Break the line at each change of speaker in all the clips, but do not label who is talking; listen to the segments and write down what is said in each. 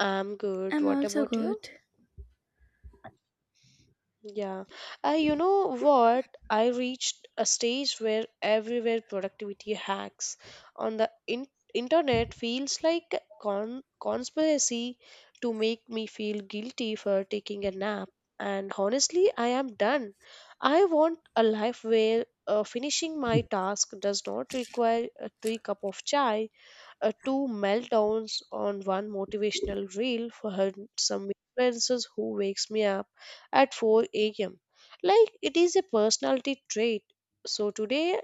I'm good.
I'm
What
also
about you?
good.
Yeah. You know what? I reached a stage where everywhere productivity hacks on the internet feels like a conspiracy to make me feel guilty for taking a nap. And honestly, I am done. I want a life where finishing my task does not require a three cup of chai, two meltdowns on one motivational reel for her, some influences who wakes me up at 4 a.m. like it is a personality trait. So today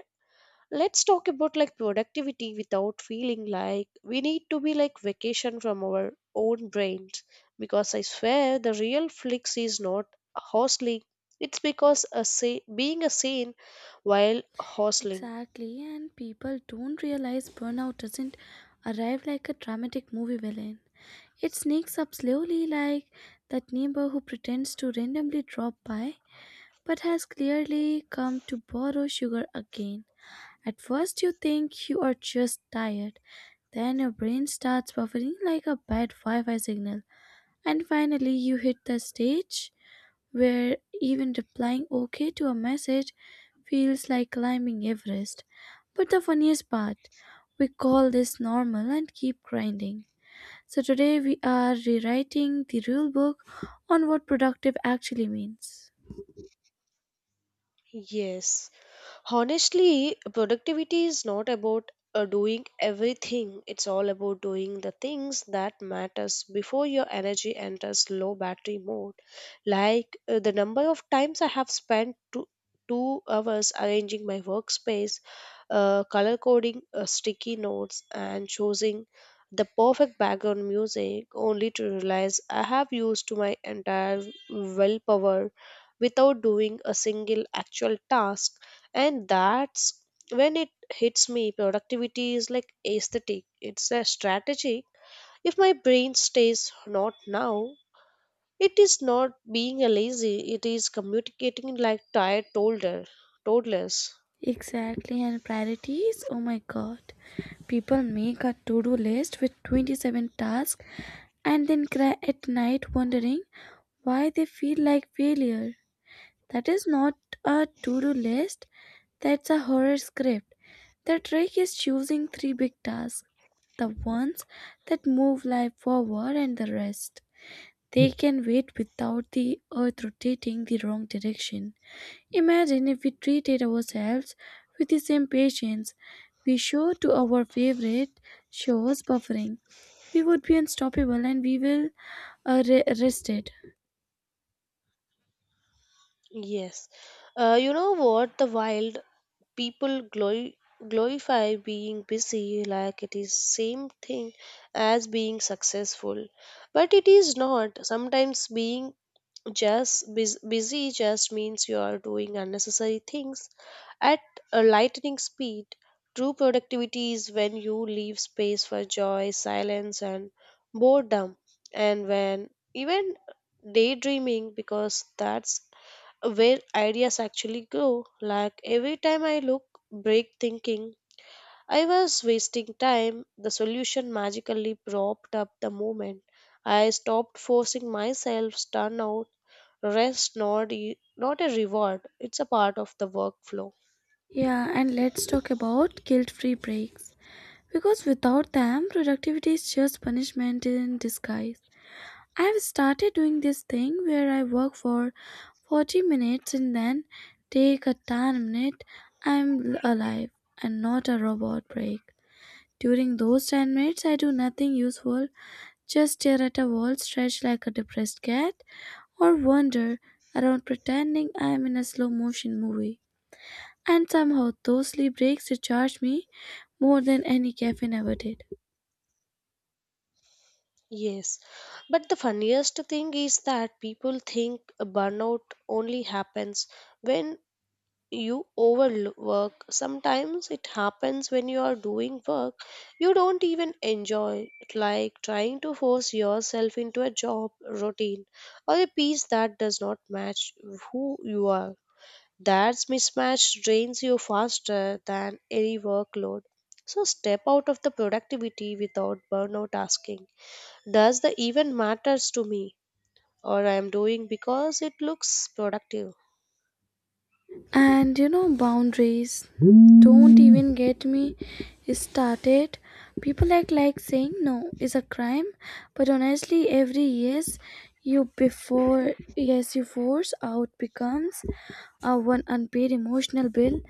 let's talk about like productivity without feeling like we need to be like vacation from our own brains, because I swear the real flex is not hostling. It's because a being a sane while hostling.
Exactly, and people don't realize burnout doesn't arrive like a dramatic movie villain. It sneaks up slowly, like that neighbor who pretends to randomly drop by but has clearly come to borrow sugar again. At first, you think you are just tired, then your brain starts buffering like a bad Wi Fi signal. And finally, you hit the stage where even replying okay to a message feels like climbing Everest. But the funniest part, we call this normal and keep grinding. So today we are rewriting the rule book on what productive actually means.
Yes. Honestly, productivity is not about doing everything. It's all about doing the things that matters before your energy enters low battery mode. Like the number of times I have spent 2 hours arranging my workspace, color coding sticky notes, and choosing the perfect background music, only to realize I have used my entire willpower without doing a single actual task. And that's when it hits me, productivity is like aesthetic, it's a strategy. If my brain stays not now, it is not being a lazy, it is communicating like tired toddlers.
Exactly, and priorities. Oh my god. People make a to do list with 27 tasks and then cry at night wondering why they feel like failure. That is not a to do list, that's a horror script. The trick is choosing three big tasks, the ones that move life forward, and the rest. They can wait without the earth rotating the wrong direction. Imagine if we treated ourselves with the same patience we show to our favorite shows buffering. We would be unstoppable and we will rested.
Yes. You know what the wild, people glorify being busy like it is same thing as being successful, but it is not. Sometimes being just busy just means you are doing unnecessary things at a lightning speed. True productivity is when you leave space for joy, silence, and boredom, and when even daydreaming, because that's where ideas actually grow. Like every time I look, break thinking I was wasting time, the solution magically propped up the moment. I stopped forcing myself, stun out, rest not, not a reward. It's a part of the workflow.
Yeah, and let's talk about guilt free breaks. Because without them, productivity is just punishment in disguise. I have started doing this thing where I work for 40 minutes and then take a 10-minute I'm alive and not a robot break. During those 10 minutes, I do nothing useful, just stare at a wall, stretch like a depressed cat, or wander around pretending I am in a slow motion movie. And somehow, those sleep breaks recharge me more than any caffeine ever did.
Yes. But the funniest thing is that people think a burnout only happens when you overwork. Sometimes it happens when you are doing work you don't even enjoy, like trying to force yourself into a job routine or a piece that does not match who you are. That mismatch drains you faster than any workload. So step out of the productivity without burnout asking, does the even matters to me or I am doing because it looks productive?
And you know, boundaries, don't even get me started. People act like saying no is a crime, but honestly, every yes you before yes you force out becomes a one unpaid emotional bill.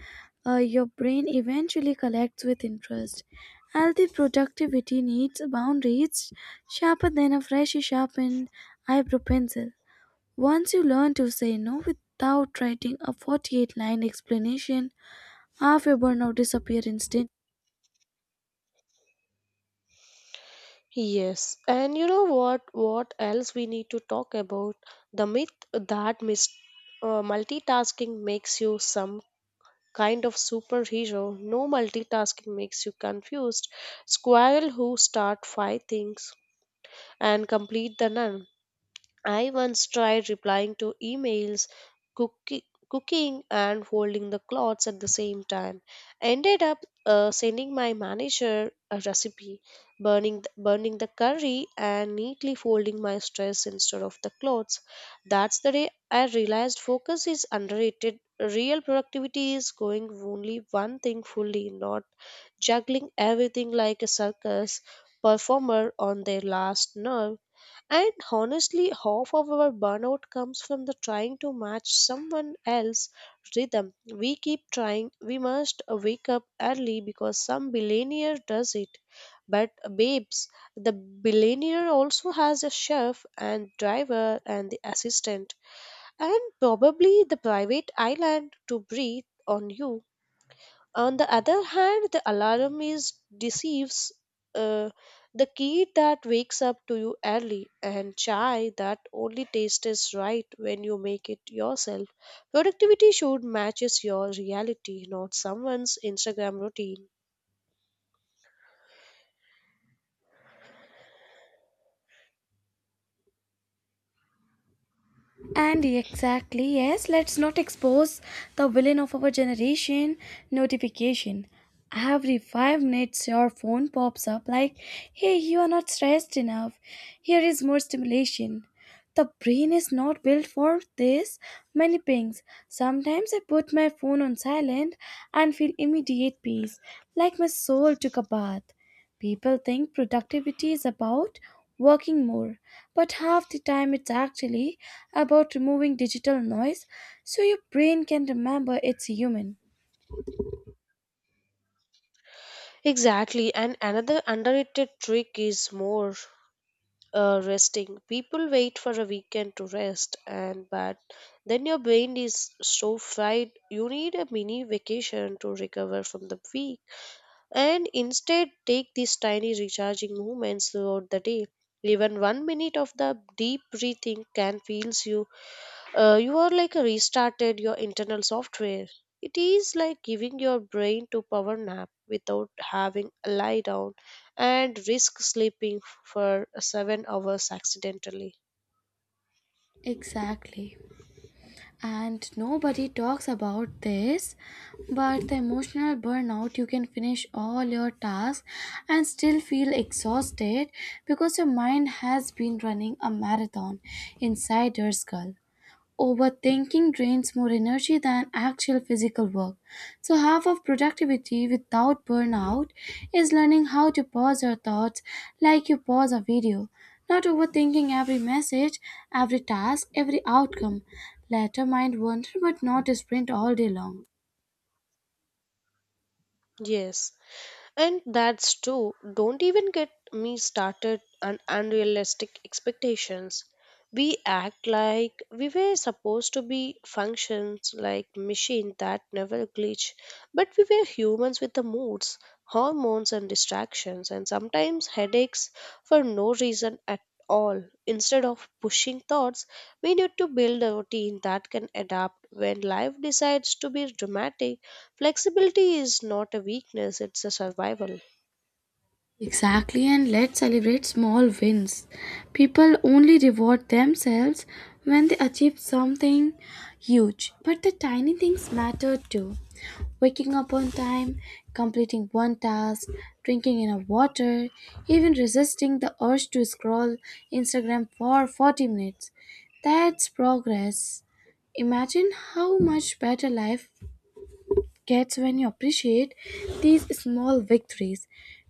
Your brain eventually collects with interest. Healthy productivity needs boundaries sharper than a freshly sharpened eyebrow pencil. Once you learn to say no without writing a 48 line explanation, half your burnout disappears instantly.
Yes, and you know what? What else we need to talk about? The myth that multitasking makes you some kind of superhero. No, multitasking makes you confused. Squirrel who start five things and complete the none. I once tried replying to emails, cooki- cooking, and folding the clothes at the same time. Ended up sending my manager a recipe, burning the curry, and neatly folding my stress instead of the clothes. That's the day I realized focus is underrated. Real productivity is going only one thing fully, not juggling everything like a circus performer on their last nerve. And honestly, half of our burnout comes from the trying to match someone else's rhythm. We keep trying, we must wake up early because some billionaire does it. But babes, the billionaire also has a chef and driver and the assistant and probably the private island to breathe on you. On the other hand, the alarm is deceives, uh, the kid that wakes up to you early and chai that only tastes right when you make it yourself. Productivity should matches your reality, not someone's Instagram routine.
And exactly, yes, let's not expose the villain of our generation, notification. Every 5 minutes, your phone pops up like, hey, you are not stressed enough. Here is more stimulation. The brain is not built for this many pings. Sometimes I put my phone on silent and feel immediate peace, like my soul took a bath. People think productivity is about working more, but half the time it's actually about removing digital noise so your brain can remember it's human.
Exactly, and another underrated trick is more resting. People wait for a weekend to rest, and but then your brain is so fried. You need a mini vacation to recover from the week, and instead take these tiny recharging movements throughout the day. Even 1 minute of the deep breathing can feels you. You are like a restarted your internal software. It is like giving your brain to power nap without having a lie down and risk sleeping for 7 hours accidentally.
Exactly. And nobody talks about this, but the emotional burnout, you can finish all your tasks and still feel exhausted because your mind has been running a marathon inside your skull. Overthinking drains more energy than actual physical work. So, half of productivity without burnout is learning how to pause your thoughts like you pause a video, not overthinking every message, every task, every outcome. Let your mind wander but not sprint all day long.
Yes. And that's true. Don't even get me started on unrealistic expectations. We act like we were supposed to be functions like machine that never glitch, but we were humans with the moods, hormones and distractions and sometimes headaches for no reason at all. Instead of pushing thoughts, we need to build a routine that can adapt when life decides to be dramatic. Flexibility is not a weakness, it's a survival.
Exactly, and let's celebrate small wins. People only reward themselves when they achieve something huge, but the tiny things matter too. Waking up on time, completing one task, drinking enough water, even resisting the urge to scroll Instagram for 40 minutes. That's progress. Imagine how much better life gets when you appreciate these small victories.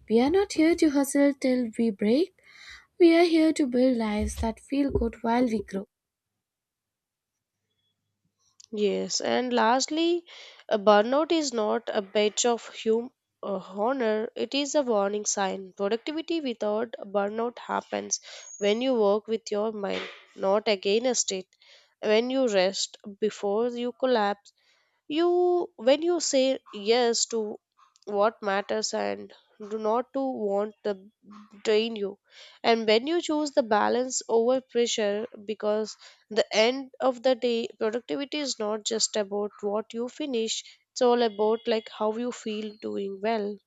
We are not here to hustle till we break. We are here to build lives that feel good while we grow.
Yes, and lastly, a burnout is not a badge of honor, it is a warning sign. Productivity without burnout happens when you work with your mind, not against it. When you rest before you collapse, you, when you say yes to what matters and do not to want to drain you, and when you choose the balance over pressure, because the end of the day, productivity is not just about what you finish. It's all about like how you feel doing well.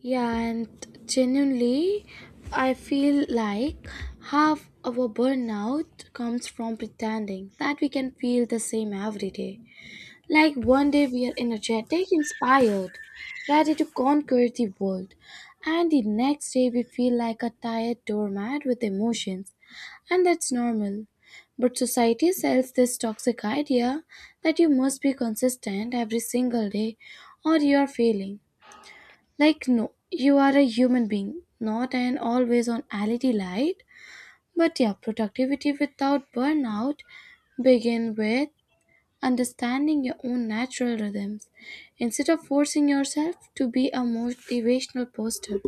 Yeah, and genuinely, I feel like half our burnout comes from pretending that we can feel the same every day. Like one day we are energetic, inspired, ready to conquer the world, and the next day we feel like a tired doormat with emotions. And that's normal. But society sells this toxic idea that you must be consistent every single day or you're failing. Like, no, you are a human being, not an always on LED light. But yeah, productivity without burnout begin with understanding your own natural rhythms instead of forcing yourself to be a motivational poster.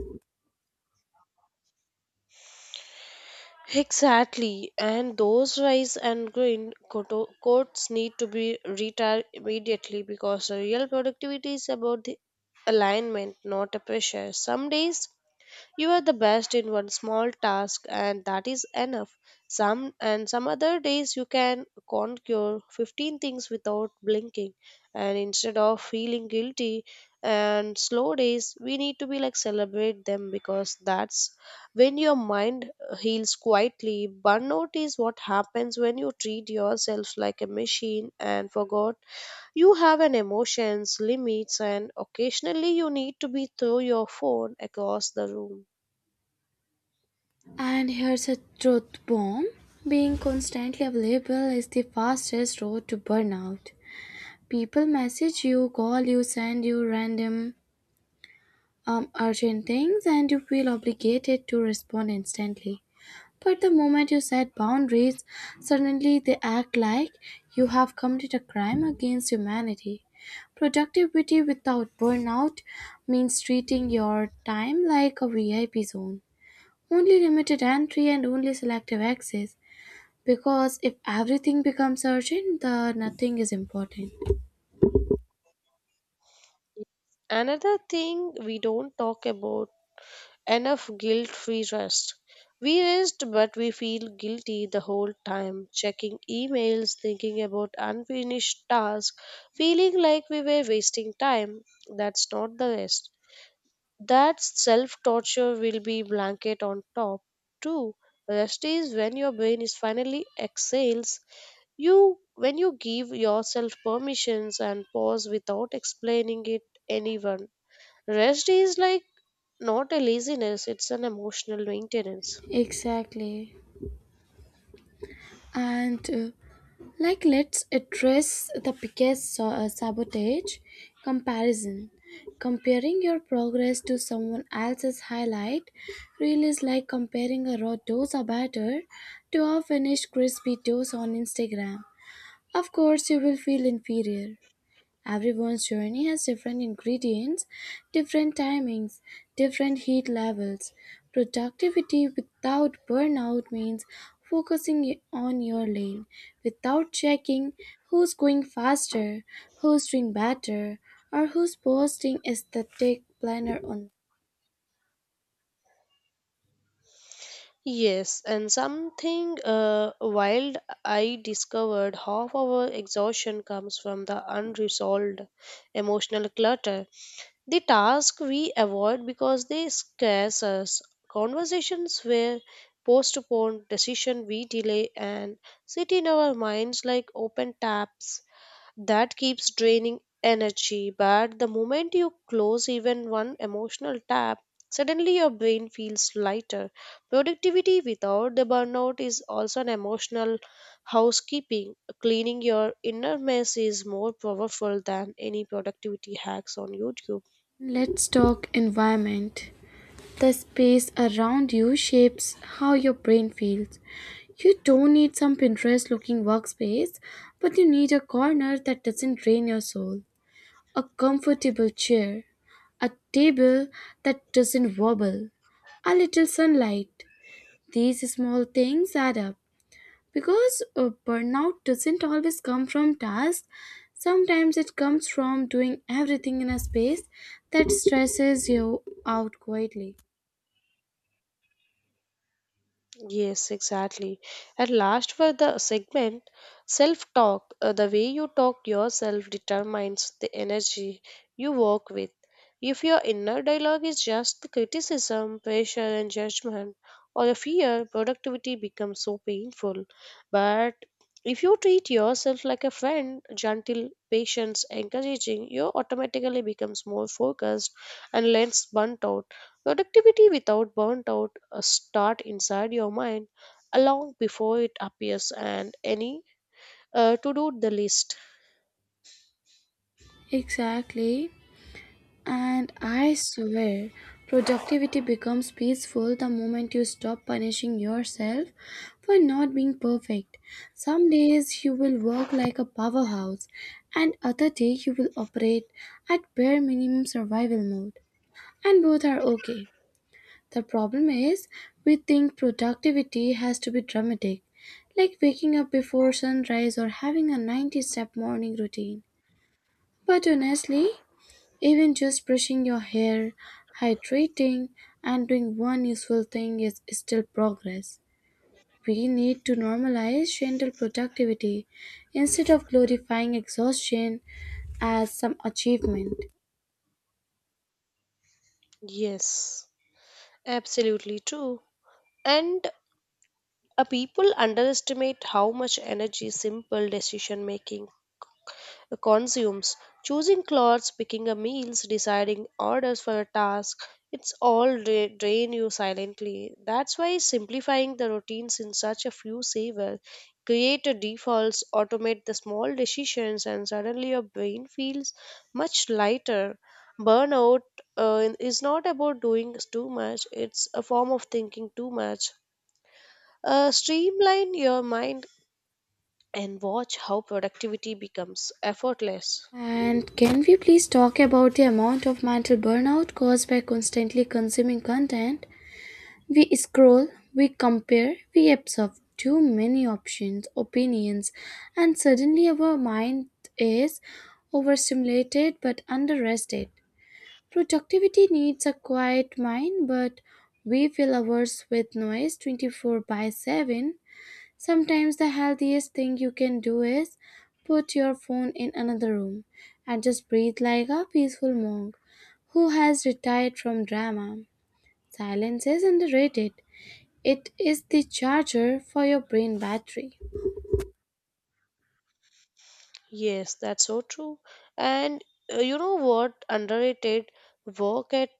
Exactly, and those rice and grain quotes need to be retired immediately because the real productivity is about the alignment, not a pressure. Some days you are the best in one small task and that is enough. Some and some other days you can conquer 15 things without blinking, and instead of feeling guilty and slow days we need to be like celebrate them because that's when your mind heals quietly. Burnout is what happens when you treat yourself like a machine and forgot you have an emotions limits, and occasionally you need to be throw your phone across the room.
And here's a truth bomb, being constantly available is the fastest road to burnout. People message you, call you, send you random, urgent things, and you feel obligated to respond instantly. But the moment you set boundaries, suddenly they act like you have committed a crime against humanity. Productivity without burnout means treating your time like a VIP zone. Only limited entry and only selective access. Because if everything becomes urgent, the nothing is important.
Another thing we don't talk about enough, guilt free rest. We rest, but we feel guilty the whole time, checking emails, thinking about unfinished tasks, feeling like we were wasting time. That's not the rest. That self torture will be blanket on top. Two, rest is when your brain is finally exhales. You, when you give yourself permissions and pause without explaining it anyone. Rest is like not a laziness, it's an emotional maintenance.
Exactly. And Like, let's address the biggest sabotage, comparison. Comparing your progress to someone else's highlight reel is like comparing a raw dosa batter to a finished crispy dosa on Instagram. Of course, you will feel inferior. Everyone's journey has different ingredients, different timings, different heat levels. Productivity without burnout means focusing on your lane without checking who's going faster, who's doing better, or who's posting aesthetic planner on.
Yes, and something wild I discovered, half our exhaustion comes from the unresolved emotional clutter. The task we avoid because they scarce us. Conversations were postponed, decision we delay, and sit in our minds like open taps. That keeps draining energy, but the moment you close even one emotional tab, suddenly your brain feels lighter. Productivity without the burnout is also an emotional housekeeping. Cleaning your inner mess is more powerful than any productivity hacks on YouTube.
Let's talk environment. The space around you shapes how your brain feels. You don't need some Pinterest looking workspace, but you need a corner that doesn't drain your soul, a comfortable chair, a table that doesn't wobble, a little sunlight. These small things add up because burnout doesn't always come from tasks. Sometimes it comes from doing everything in a space that stresses you out quietly.
Yes, exactly. And last for the segment, self talk. The way you talk yourself determines the energy you work with. If your inner dialogue is just the criticism, pressure, and judgment, or a fear, productivity becomes so painful. But if you treat yourself like a friend, gentle, patient, encouraging, you automatically becomes more focused and less burnt out. Productivity without burnout start inside your mind long before it appears and any to do the list.
Exactly. And I swear, productivity becomes peaceful the moment you stop punishing yourself for not being perfect. Some days you will work like a powerhouse, and other day you will operate at bare minimum survival mode. And both are okay. The problem is, we think productivity has to be dramatic, like waking up before sunrise or having a 90 step morning routine. But honestly, even just brushing your hair, hydrating, and doing one useful thing is still progress. We need to normalize gentle productivity instead of glorifying exhaustion as some achievement.
Yes, absolutely true. And people underestimate how much energy simple decision making consumes. Choosing clothes, picking a meals, deciding orders for a task, it's all drain you silently. That's why simplifying the routines in such a few saver, create a defaults, automate the small decisions, and suddenly your brain feels much lighter. Burnout is not about doing too much, it's a form of thinking too much. Streamline your mind and watch how productivity becomes effortless.
And can we please talk about the amount of mental burnout caused by constantly consuming content? We scroll, we compare, we absorb too many options, opinions, and suddenly our mind is overstimulated but underrested. Productivity needs a quiet mind, but we fill ours with noise 24 by 7. Sometimes the healthiest thing you can do is put your phone in another room and just breathe like a peaceful monk who has retired from drama. Silence is underrated. It is the charger for your brain battery.
Yes, that's so true. And you know what? Underrated work at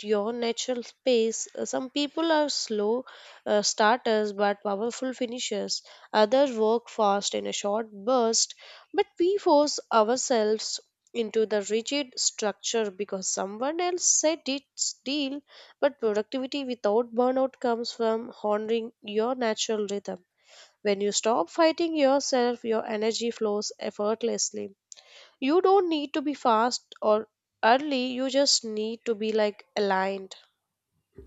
your natural pace. Some people are slow starters but powerful finishers. Others work fast in a short burst, but we force ourselves into the rigid structure because someone else said it's deal. But productivity without burnout comes from honoring your natural rhythm. When you stop fighting yourself, your energy flows effortlessly. You don't need to be fast or early, you just need to be like aligned.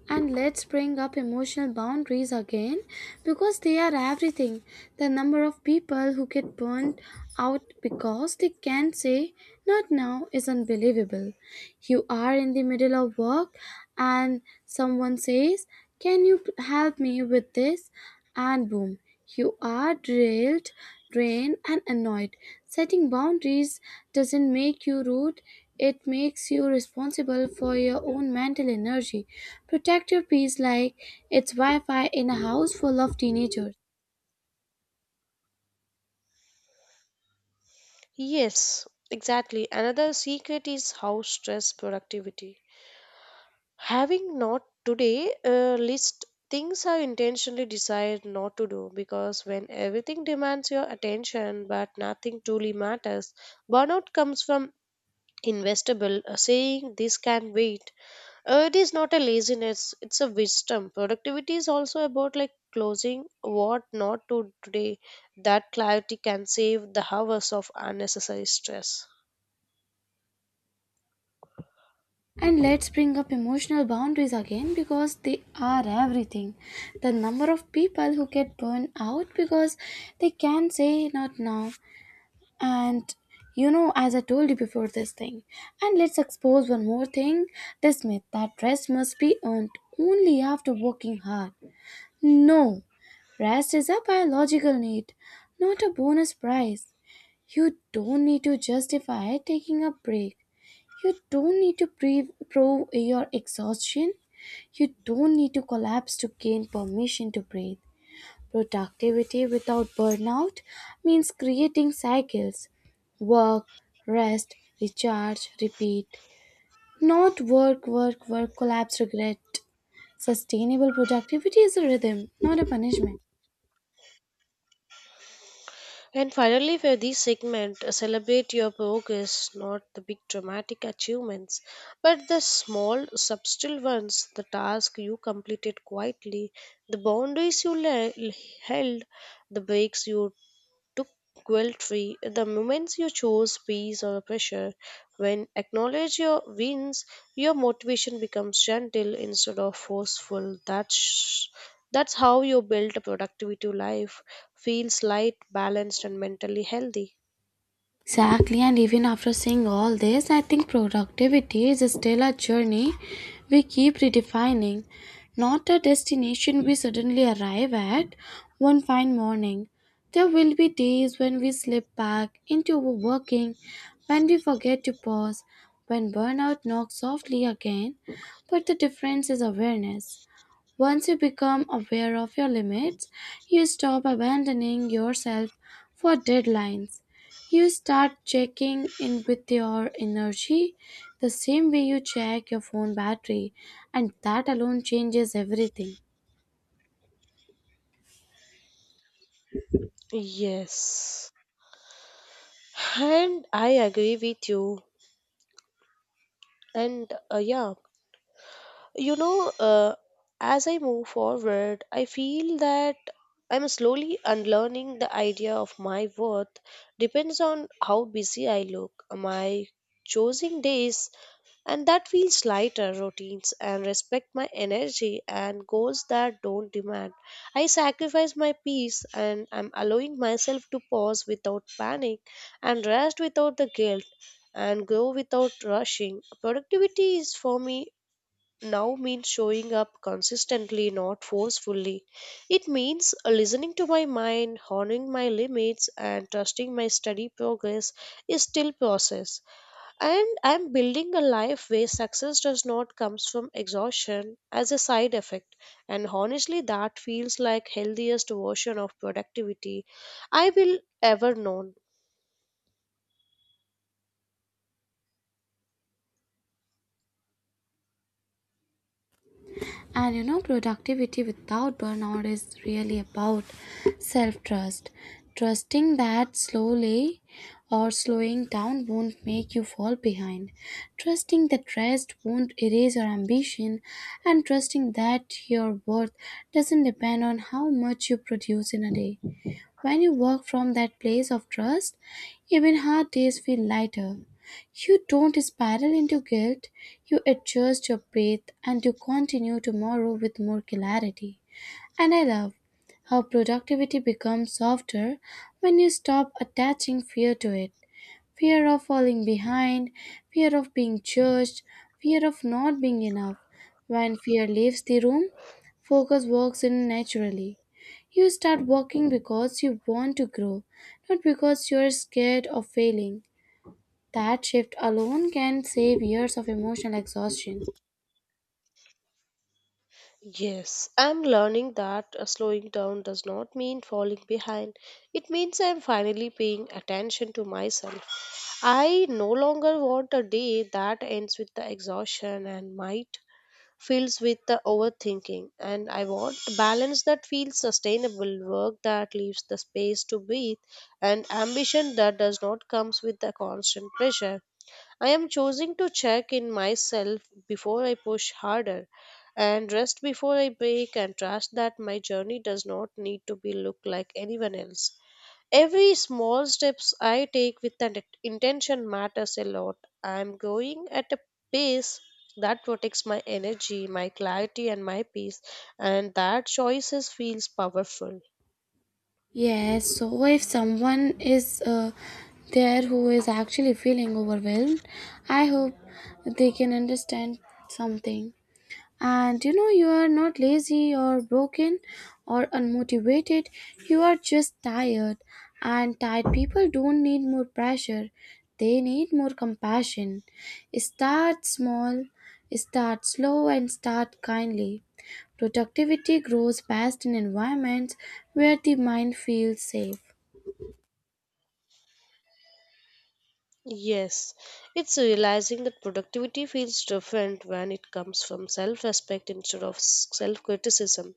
And let's bring up emotional boundaries again because they are everything. The number of people who get burnt out because they can't say not now is unbelievable. You are in the middle of work and someone says, can you help me with this? And boom, you are drilled, drained, and annoyed. Setting boundaries doesn't make you rude. It makes you responsible for your own mental energy. Protect your peace like it's Wi Fi in a house full of teenagers.
Yes, exactly. Another secret is how stress productivity. Having not today list, things I intentionally decide not to do because when everything demands your attention but nothing truly matters, burnout comes from investable, saying this can wait. It is not a laziness, it's a wisdom. Productivity is also about like closing what not to today. That clarity can save the hours of unnecessary stress.
And let's bring up emotional boundaries again because they are everything. The number of people who get burned out because they can say not now. And you know, as I told you before, this thing. And let's expose one more thing, this myth that rest must be earned only after working hard. No, rest is a biological need, not a bonus prize. You don't need to justify taking a break. You don't need to prove your exhaustion. You don't need to collapse to gain permission to breathe. Productivity without burnout means creating cycles, work, rest, recharge, repeat. Not work, work, work, collapse, regret. Sustainable productivity is a rhythm, not a punishment.
And finally, for this segment, celebrate your progress, not the big dramatic achievements, but the small, subtle ones, the task you completed quietly, the boundaries you held, the breaks you to guilt-free. The moments you choose peace over pressure, when acknowledge your wins, your motivation becomes gentle instead of forceful. That's how you build a productivity life. Feels light, balanced, and mentally healthy.
Exactly, and even after seeing all this, I think productivity is still a journey we keep redefining, not a destination we suddenly arrive at one fine morning. There will be days when we slip back into overworking, when we forget to pause, when burnout knocks softly again, but the difference is awareness. Once you become aware of your limits, you stop abandoning yourself for deadlines. You start checking in with your energy the same way you check your phone battery, and that alone changes everything.
Yes, and I agree with you. And yeah, you know, as I move forward, I feel that I'm slowly unlearning the idea of my worth depends on how busy I look. My choosing days and that feels lighter routines and respect my energy and goals that don't demand I sacrifice my peace, and I'm allowing myself to pause without panic and rest without the guilt and grow without rushing. Productivity is for me now means showing up consistently, not forcefully. It means listening to my mind, honoring my limits, and trusting my steady progress is still process. And I'm building a life where success does not comes from exhaustion as a side effect. And honestly, that feels like healthiest version of productivity I will ever known.
And you know, productivity without burnout is really about self trust. Trusting that slowly or slowing down won't make you fall behind. Trusting that rest won't erase your ambition. And trusting that your worth doesn't depend on how much you produce in a day. When you work from that place of trust, even hard days feel lighter. You don't spiral into guilt, you adjust your breath and you continue tomorrow with more clarity. And I love how productivity becomes softer when you stop attaching fear to it, fear of falling behind, fear of being judged, fear of not being enough. When fear leaves the room, focus walks in naturally. You start walking because you want to grow, not because you're scared of failing. That shift alone can save years of emotional exhaustion.
Yes, I'm learning that slowing down does not mean falling behind. It means I'm finally paying attention to myself. I no longer want a day that ends with the exhaustion and might fills with the overthinking, and I want balance that feels sustainable, work that leaves the space to breathe and ambition that does not comes with the constant pressure. I am choosing to check in myself before I push harder and rest before I break and trust that my journey does not need to be look like anyone else. Every small steps I take with an intention matters a lot. I am going at a pace that protects my energy, my clarity and my peace, and that choices feels powerful.
Yes, so if someone is there who is actually feeling overwhelmed, I hope they can understand something. And you know, you are not lazy or broken or unmotivated, you are just tired. And tired people don't need more pressure, they need more compassion. Start small, start slow, and start kindly. Productivity grows best in environments where the mind feels safe.
Yes, it's realizing that productivity feels different when it comes from self respect instead of self criticism.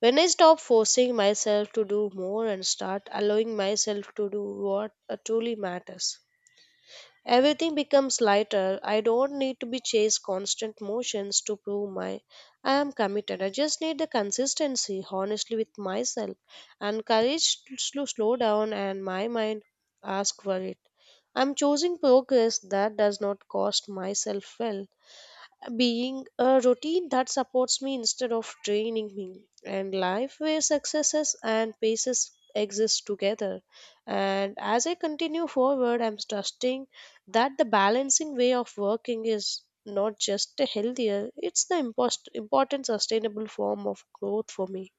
When I stop forcing myself to do more and start allowing myself to do what truly matters. Everything becomes lighter. I don't need to be chased constant motions to prove my I am committed. I just need the consistency, honestly with myself, and courage to slow down and my mind ask for it. I'm choosing progress that does not cost myself well being a routine that supports me instead of draining me, and life where successes and paces exist together, and as I continue forward I'm trusting that the balancing way of working is not just a healthier, it's the important sustainable form of growth for me.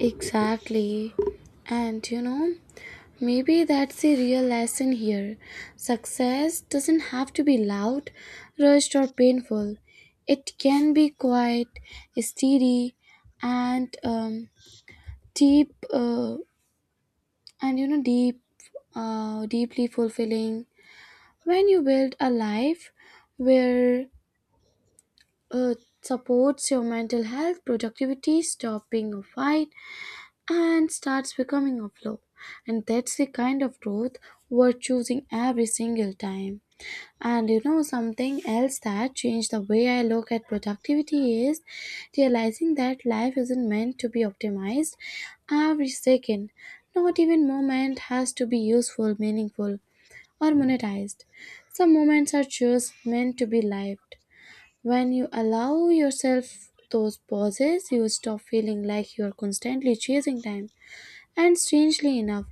Exactly. And you know, maybe that's the real lesson here. Success doesn't have to be loud, rushed, or painful. It can be quiet, steady, and deep, and you know, deep, deeply fulfilling. When you build a life where uh, supports your mental health, productivity, stop being a fight, and starts becoming a flow. And that's the kind of growth worth choosing every single time. And you know, something else that changed the way I look at productivity is realizing that life isn't meant to be optimized every second. Not even moment has to be useful, meaningful, or monetized. Some moments are just meant to be lived. When you allow yourself those pauses, you stop feeling like you're constantly chasing time, and strangely enough,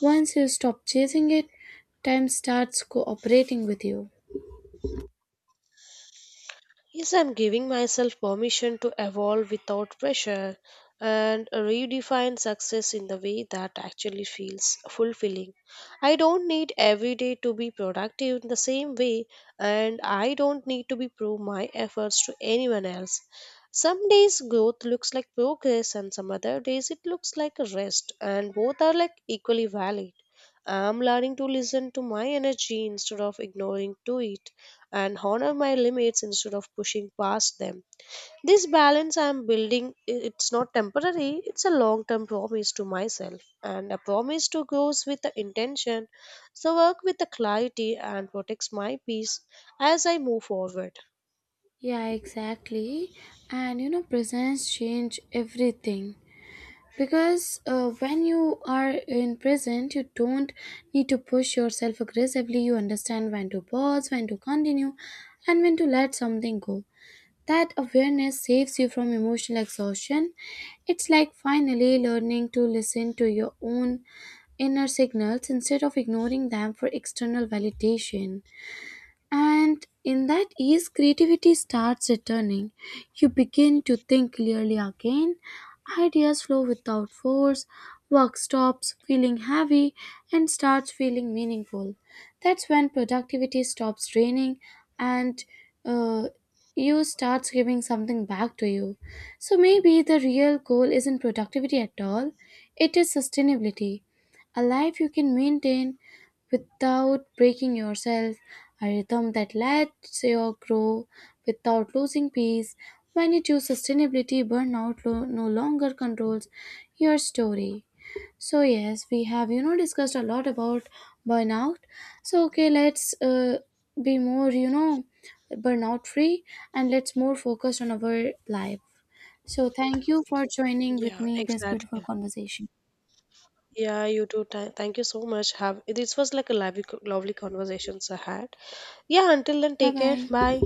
once you stop chasing it, time starts cooperating with you.
Yes, I'm giving myself permission to evolve without pressure and redefine success in the way that actually feels fulfilling. I don't need every day to be productive in the same way, and I don't need to be prove my efforts to anyone else. Some days growth looks like progress, and some other days it looks like a rest, and both are like equally valid. I'm learning to listen to my energy instead of ignoring to it and honor my limits instead of pushing past them. This balance I'm building, it's not temporary, it's a long term promise to myself and a promise to grow with the intention, so work with the clarity and protects my peace as I move forward.
Yeah, exactly. And you know, presents change everything. Because when you are in present, you don't need to push yourself aggressively. You understand when to pause, when to continue, and when to let something go. That awareness saves you from emotional exhaustion. It's like finally learning to listen to your own inner signals instead of ignoring them for external validation. And in that ease, creativity starts returning. You begin to think clearly again. Ideas flow without force. Work stops feeling heavy and starts feeling meaningful. That's when productivity stops draining and uh, you starts giving something back to you. So maybe the real goal isn't productivity at all, it is sustainability. A life you can maintain without breaking yourself, a rhythm that lets you grow without losing peace. When you choose sustainability, burnout no longer controls your story. So yes, we have discussed a lot about burnout. So okay, let's be more burnout free and let's more focus on our life. So thank you for joining with
Yeah,
me this beautiful
exactly.
conversation.
Yeah, you too. Thank you so much. Have this was like a lovely conversations I had. Yeah, until then,
Bye
take care.
bye.
Bye.